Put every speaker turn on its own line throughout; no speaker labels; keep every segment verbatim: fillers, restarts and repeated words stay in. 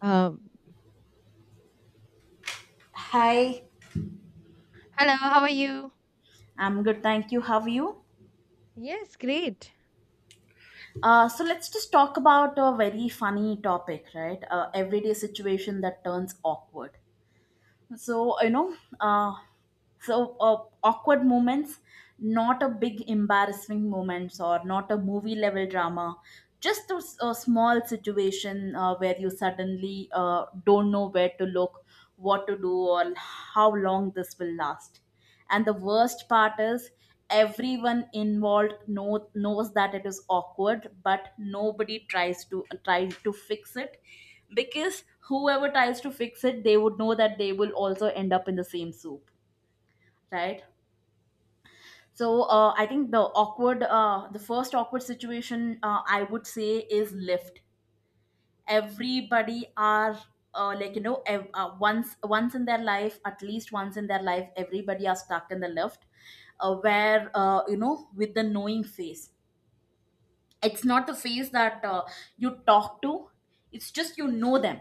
Um,
Hi,
Hello, how are you?
I'm good, thank you. How are you?
Yes, great.
Uh, so let's just talk about a very funny topic, right? Uh, everyday situation that turns awkward. So you know, uh, so uh, Awkward moments, not a big embarrassing moments or not a movie level drama, just a, s- a small situation, uh, where you suddenly uh, don't know where to look, what to do, or how long this will last. And the worst part is, everyone involved know, knows that it is awkward, but nobody tries to tries to fix it, because whoever tries to fix it, they would know that they will also end up in the same soup, right? So uh, I think the awkward uh, the first awkward situation, uh, I would say, is lift. Everybody are, uh, like you know ev- uh, once once in their life, at least once in their life, everybody are stuck in the lift, uh, where, uh, you know with the knowing face. It's not the face that uh, you talk to, it's just, you know them.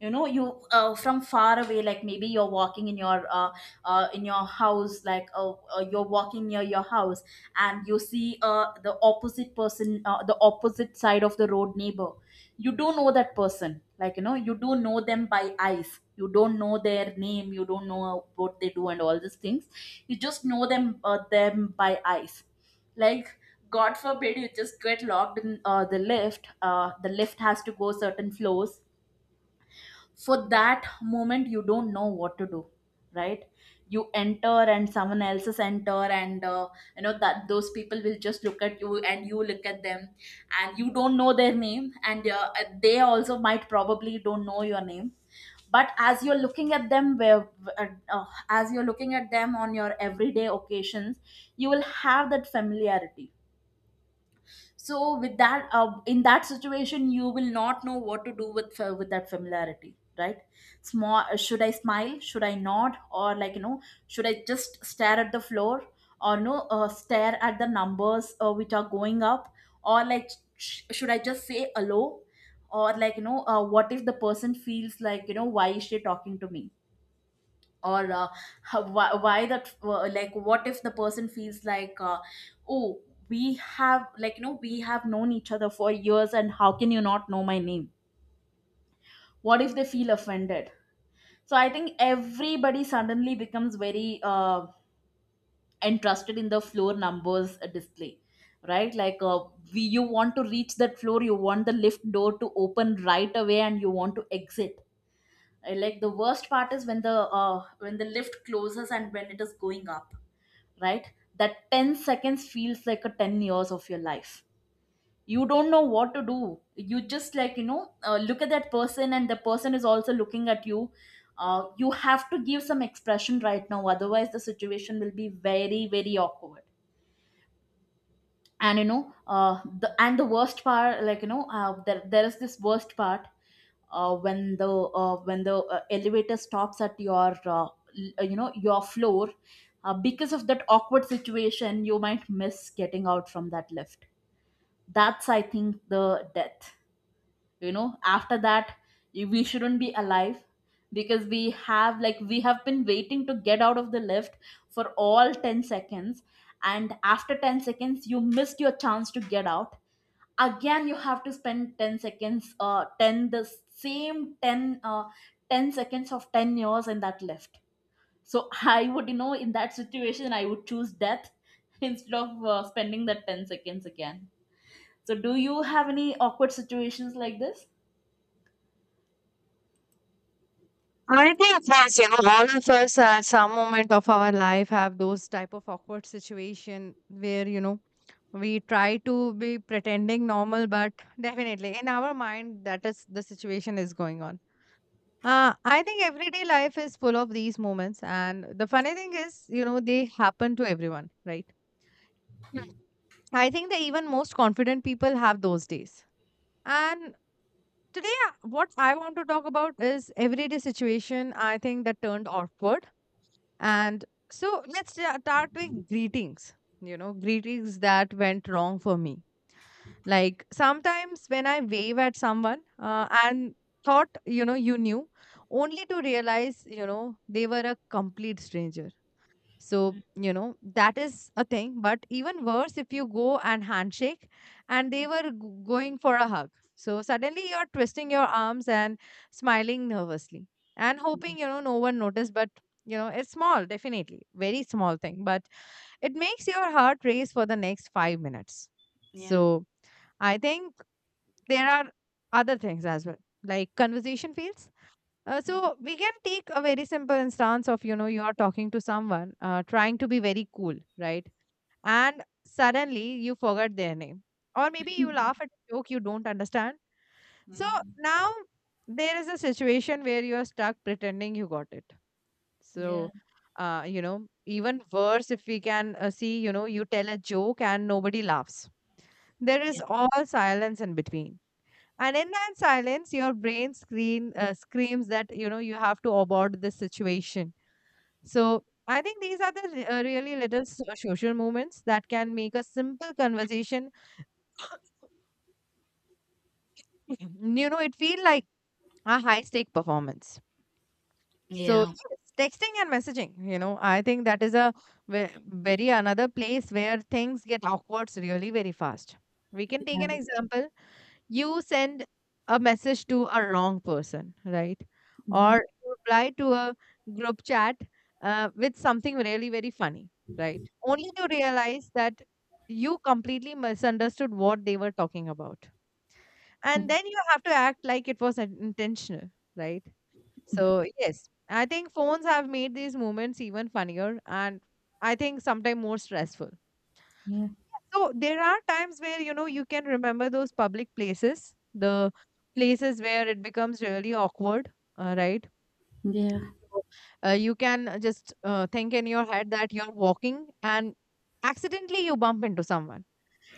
You know, you, uh, from far away, like maybe you're walking in your, uh, uh, in your house, like, uh, uh, you're walking near your house, and you see uh, the opposite person, uh, the opposite side of the road neighbor. You do know that person, like, you know you do know them by eyes, you don't know their name, you don't know what they do and all these things. You just know them uh, them by eyes. Like, god forbid, you just get locked in, uh, the lift, uh, the lift has to go certain floors. For that moment, you don't know what to do, right? You enter, and someone else's enter, and uh, you know that those people will just look at you and you look at them, and you don't know their name, and uh, they also might probably don't know your name. But as you're looking at them where uh, uh, as you're looking at them on your everyday occasions, you will have that familiarity. So with that, uh, in that situation, you will not know what to do with, uh, with that familiarity, right? Small, uh, should I smile, should I nod, or, like, you know should I just stare at the floor? Or no, uh, stare at the numbers, uh, which are going up, or like, sh- should I just say hello? Or like, you know uh, what if the person feels like, you know, why is she talking to me? Or uh, how, why, why that, uh, like, what if the person feels like, uh, oh, we have, like you know we have known each other for years, and how can you not know my name? What if they feel offended? So I think everybody suddenly becomes very, uh, interested in the floor numbers, uh, display, right? Like, uh, we, you want to reach that floor, you want the lift door to open right away, and you want to exit. Uh, like, the worst part is when the, uh, when the lift closes and when it is going up, right? That ten seconds feels like a ten years of your life. You don't know what to do. You just, like, you know, uh, look at that person, and the person is also looking at you. Uh, you have to give some expression right now, otherwise the situation will be very, very awkward. And you know uh, the and the worst part, like, you know uh, there, there is this worst part, uh, when the uh, when the uh, elevator stops at your, uh, l- you know your floor. Uh, because of that awkward situation, you might miss getting out from that lift. That's, I think, the death, you know after that. You- we shouldn't be alive, because we have like we have been waiting to get out of the lift for all ten seconds, and after ten seconds, you missed your chance to get out. Again, you have to spend ten seconds, uh ten the same ten uh ten seconds of ten years in that lift. So I would, you know in that situation, I would choose death. Instead of uh, spending that ten seconds again. So do you have any awkward situations like this?
I think yes, you know, all of us at some moment of our life have those type of awkward situation where, you know, we try to be pretending normal, but definitely in our mind, that is the situation is going on. Uh, I think everyday life is full of these moments. And the funny thing is, you know, they happen to everyone, right? Hmm. I think the even most confident people have those days. And today, uh, what I want to talk about is everyday situation I think that turned awkward. And so let's sta- start with greetings. You know, greetings that went wrong for me. Like sometimes when I wave at someone uh, and thought, you know, you knew, only to realize, you know, they were a complete stranger. So, you know, that is a thing. But even worse, if you go and handshake and they were g- going for a hug. So suddenly you're twisting your arms and smiling nervously and hoping, you know, no one noticed. But, you know, it's small, definitely, very small thing. But it makes your heart race for the next five minutes.
Yeah.
So I think there are other things as well, like conversation fails. Uh, so we can take a very simple instance of you know you are talking to someone uh, trying to be very cool, right? And suddenly you forget their name, or maybe you laugh at a joke you don't understand. So
Mhm.
now there is a situation where you are stuck pretending you got it.
Yeah,
So uh, you know even worse if we can uh, see you know you tell a joke and nobody laughs. There
yeah.
is all silence in between and in that silence your brain screen uh, screams that you know you have to abort this situation. So I think these are the re- uh, really little so- social moments that can make a simple conversation Mhm. you know it feel like a high stake performance. So
Yeah.
yes, texting and messaging, you know, I think that is a ve- very another place where things get awkward really very fast. We can take an example: you send a message to a wrong person, right? Or
Yeah,
you reply to a group chat uh, with something really very funny, right? Only to realize that you completely misunderstood what they were talking about. And then you have to act like it was in- intentional, right? So, yes, I think phones have made these moments even funnier and I think sometimes more stressful.
yeah,
So there are times where, you know, you can remember those public places, the places where it becomes really awkward, uh, right?
yeah, yeah,
So, uh, you can uh, just uh, think in your head that you're walking and accidentally you bump into someone.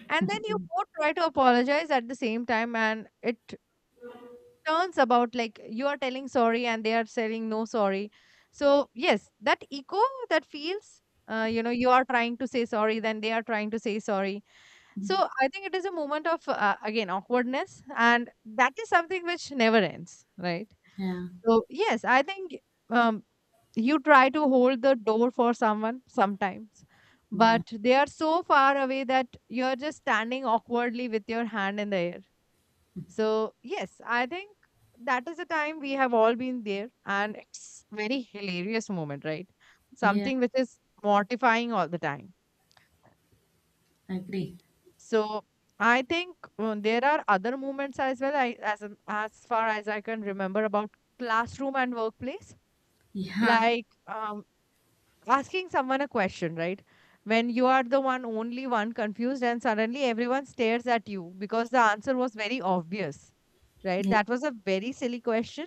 And then you both try to apologize at the same time, and it turns about like you are telling sorry and they are saying no sorry. So, yes, that echo that feels, uh, you know, you are trying to say sorry, then they are trying to say sorry. So I think it is a moment of uh, again awkwardness, and that is something which never ends, right?
yeah,
So yes, I think um, you try to hold the door for someone sometimes,
yeah,
but they are so far away that you're just standing awkwardly with your hand in the air. So yes, I think that is the time we have all been there, and it's very hilarious moment, right?
yeah.
Something which is mortifying all the time.
Agree.
So I think uh, there are other moments as well. I as an- as far as I can remember about classroom and workplace,
Yeah,
like um, asking someone a question, right? When you are the one, only one confused, and suddenly everyone stares at you because the answer was very obvious, right?
yeah.
That was a very silly question.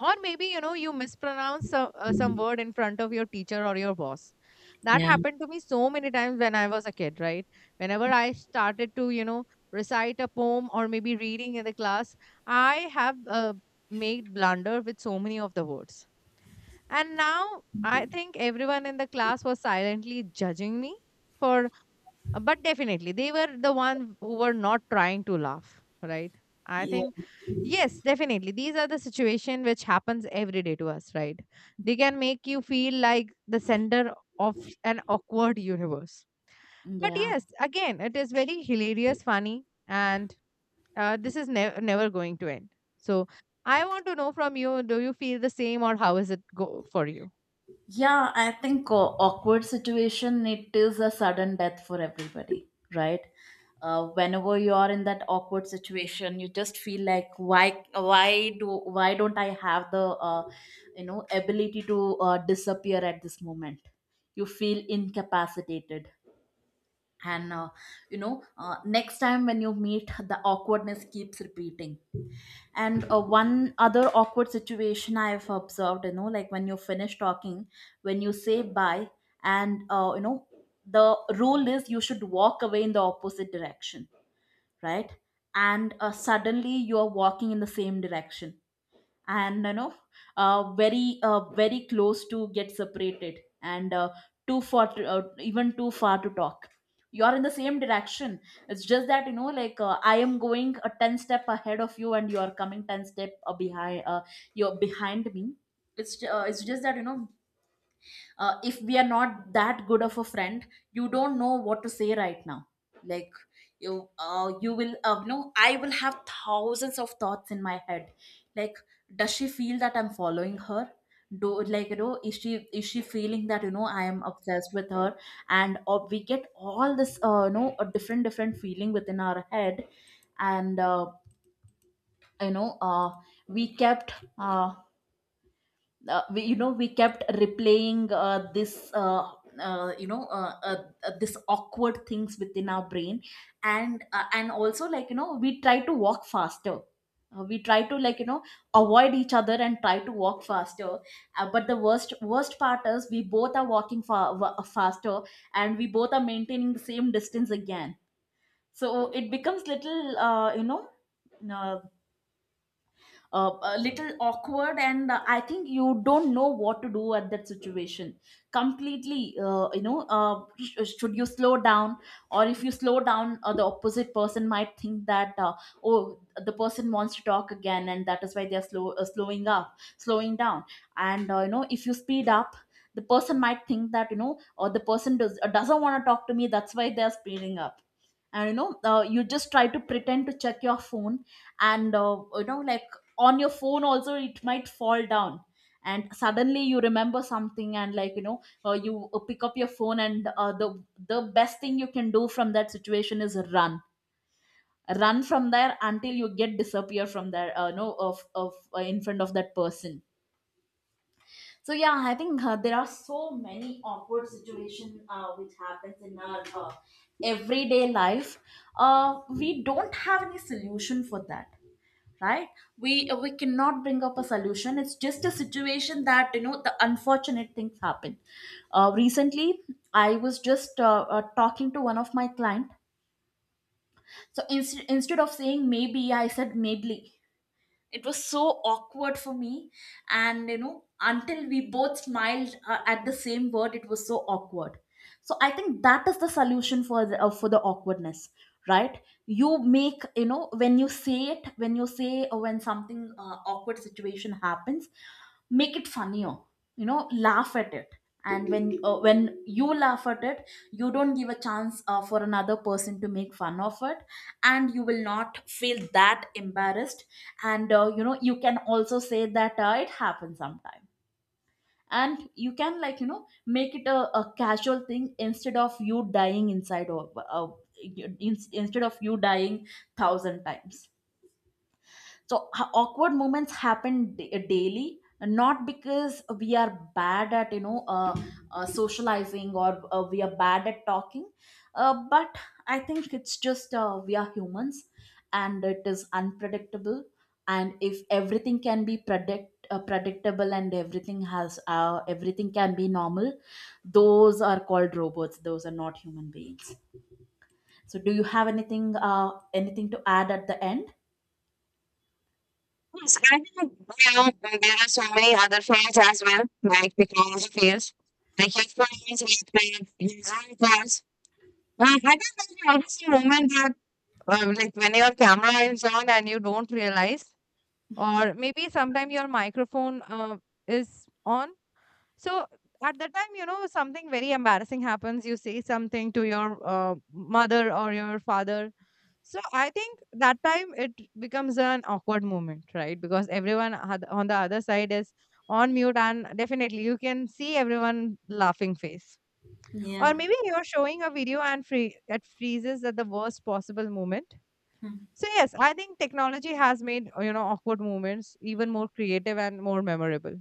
Or maybe you know you mispronounce some, uh, some word in front of your teacher or your boss. That
Yeah.
happened to me so many times when I was a kid, right? Whenever I started to, you know, recite a poem or maybe reading in the class, I have uh, made blunder with so many of the words. And now I think everyone in the class was silently judging me for uh, but definitely they were the one who were not trying to laugh, right? I
Yeah,
think yes, definitely. These are the situation which happens every day to us, right? They can make you feel like the center of an awkward universe. But
yeah.
yes, again, it is very hilarious, funny, and uh, this is nev- never going to end. So I want to know from you: do you feel the same, or how is it go for you?
Yeah, I think, uh, awkward situation, it is a sudden death for everybody, right? Uh, whenever you are in that awkward situation, you just feel like, why, why do, why don't I have the, uh, you know, ability to uh, disappear at this moment? You feel incapacitated, and uh, you know uh, next time when you meet, the awkwardness keeps repeating. And uh, one other awkward situation I've observed, you know like, when you finish talking, when you say bye, and uh, you know the rule is you should walk away in the opposite direction, right? And uh, suddenly you are walking in the same direction, and, you know uh, very, uh, very close to get separated, and uh, too far to, uh, even too far to talk. You are in the same direction. It's just that, you know like uh, I am going a ten step ahead of you and you are coming ten step, uh, behind, uh, you're behind me. It's uh, it's just that, you know, uh, if we are not that good of a friend, you don't know what to say right now. Like, you uh, you will uh, you know, I will have thousands of thoughts in my head. Like, does she feel that I'm following her? Do like you know is she is she feeling that, you know I am obsessed with her? And or we get all this, uh, you know a different different feeling within our head. And uh, you know uh, we kept, uh, uh, we, you know we kept replaying, uh, this uh, uh, you know uh, uh, uh, this awkward things within our brain. And uh, and also, like you know we try to walk faster. Uh, we try to, like you know avoid each other and try to walk faster. Uh, but the worst worst part is, we both are walking fa- wa- faster, and we both are maintaining the same distance again. So it becomes little, uh, you know uh, uh, a little awkward, and uh, I think you don't know what to do at that situation completely. Uh, you know uh, sh- uh, should you slow down? Or if you slow down, uh, the opposite person might think that, uh, oh, the person wants to talk again, and that is why they are slow uh, slowing up slowing down. And uh, you know if you speed up, the person might think that, you know, or the person does, uh, doesn't want to talk to me, that's why they're speeding up. And you know uh, you just try to pretend to check your phone, and uh, you know like, on your phone also, it might fall down, and suddenly you remember something, and like, you know uh, you uh, pick up your phone, and uh, the the best thing you can do from that situation is run. Run from there until you get disappear from there, uh, no of of uh, in front of that person. So yeah, I think, uh, there are so many awkward situation, uh, which happens in our, uh, everyday life. Uh, we don't have any solution for that, right? We we cannot bring up a solution, it's just a situation that, you know, the unfortunate things happen. Uh, recently I was just, uh, uh, talking to one of my client. So inst- instead of saying maybe, I said maybe. It was so awkward for me. And you know, until we both smiled uh, at the same word, it was so awkward. So I think that is the solution for the, uh, for the awkwardness, right? You make, you know, when you say it, when you say, or when something, uh, awkward situation happens, make it funnier, you know, laugh at it. And when, uh, when you laugh at it, you don't give a chance uh, for another person to make fun of it, and you will not feel that embarrassed. And uh, you know, you can also say that, uh, it happens sometime, and you can, like, you know, make it a, a casual thing, instead of you dying inside of, uh, in, instead of you dying thousand times. So ha- awkward moments happen da- uh, daily, not because we are bad at, you know uh, uh, socializing, or uh, we are bad at talking. Uh, but I think it's just, uh, we are humans, and it is unpredictable. And if everything can be predict uh, predictable, and everything has uh, everything can be normal, those are called robots, those are not human beings. So do you have anything, uh, anything to add at the end?
You know, and there are so many other fields as well, like technology fields, like health plans, health plans. Uh, I think there's always a moment that, uh, like, when your camera is on and you don't realize, or maybe sometime your microphone uh, is on. So at that time, you know, something very embarrassing happens. You say something to your uh, mother or your father. So I think that time it becomes an awkward moment, right? Because everyone oth- on the other side is on mute, and definitely you can see everyone laughing face,
Yeah.
or maybe you're showing a video and free it freezes at the worst possible moment.
Hmm.
So yes, I think technology has made, uh, you know, awkward moments even more creative and more memorable.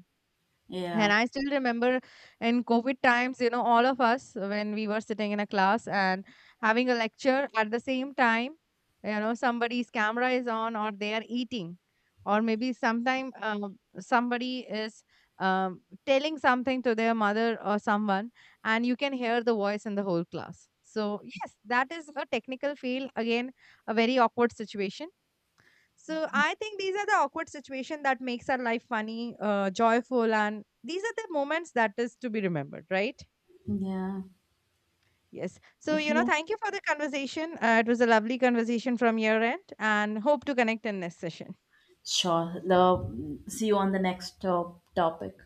Yeah.
And I still remember in COVID times, you know, all of us when we were sitting in a class and having a lecture at the same time, you know, somebody's camera is on or they are eating, or maybe sometime um, somebody is um, telling something to their mother or someone, and you can hear the voice in the whole class. So, yes, that is a technical fail. Again, a very awkward situation. So I think these are the awkward situation that makes our life funny, uh, joyful, and these are the moments that is to be remembered, right?
Yeah.
Yes. So you know,
Yeah.
thank you for the conversation. Uh, it was a lovely conversation from your end, and hope to connect in this session.
Sure. The, see you on the next top topic.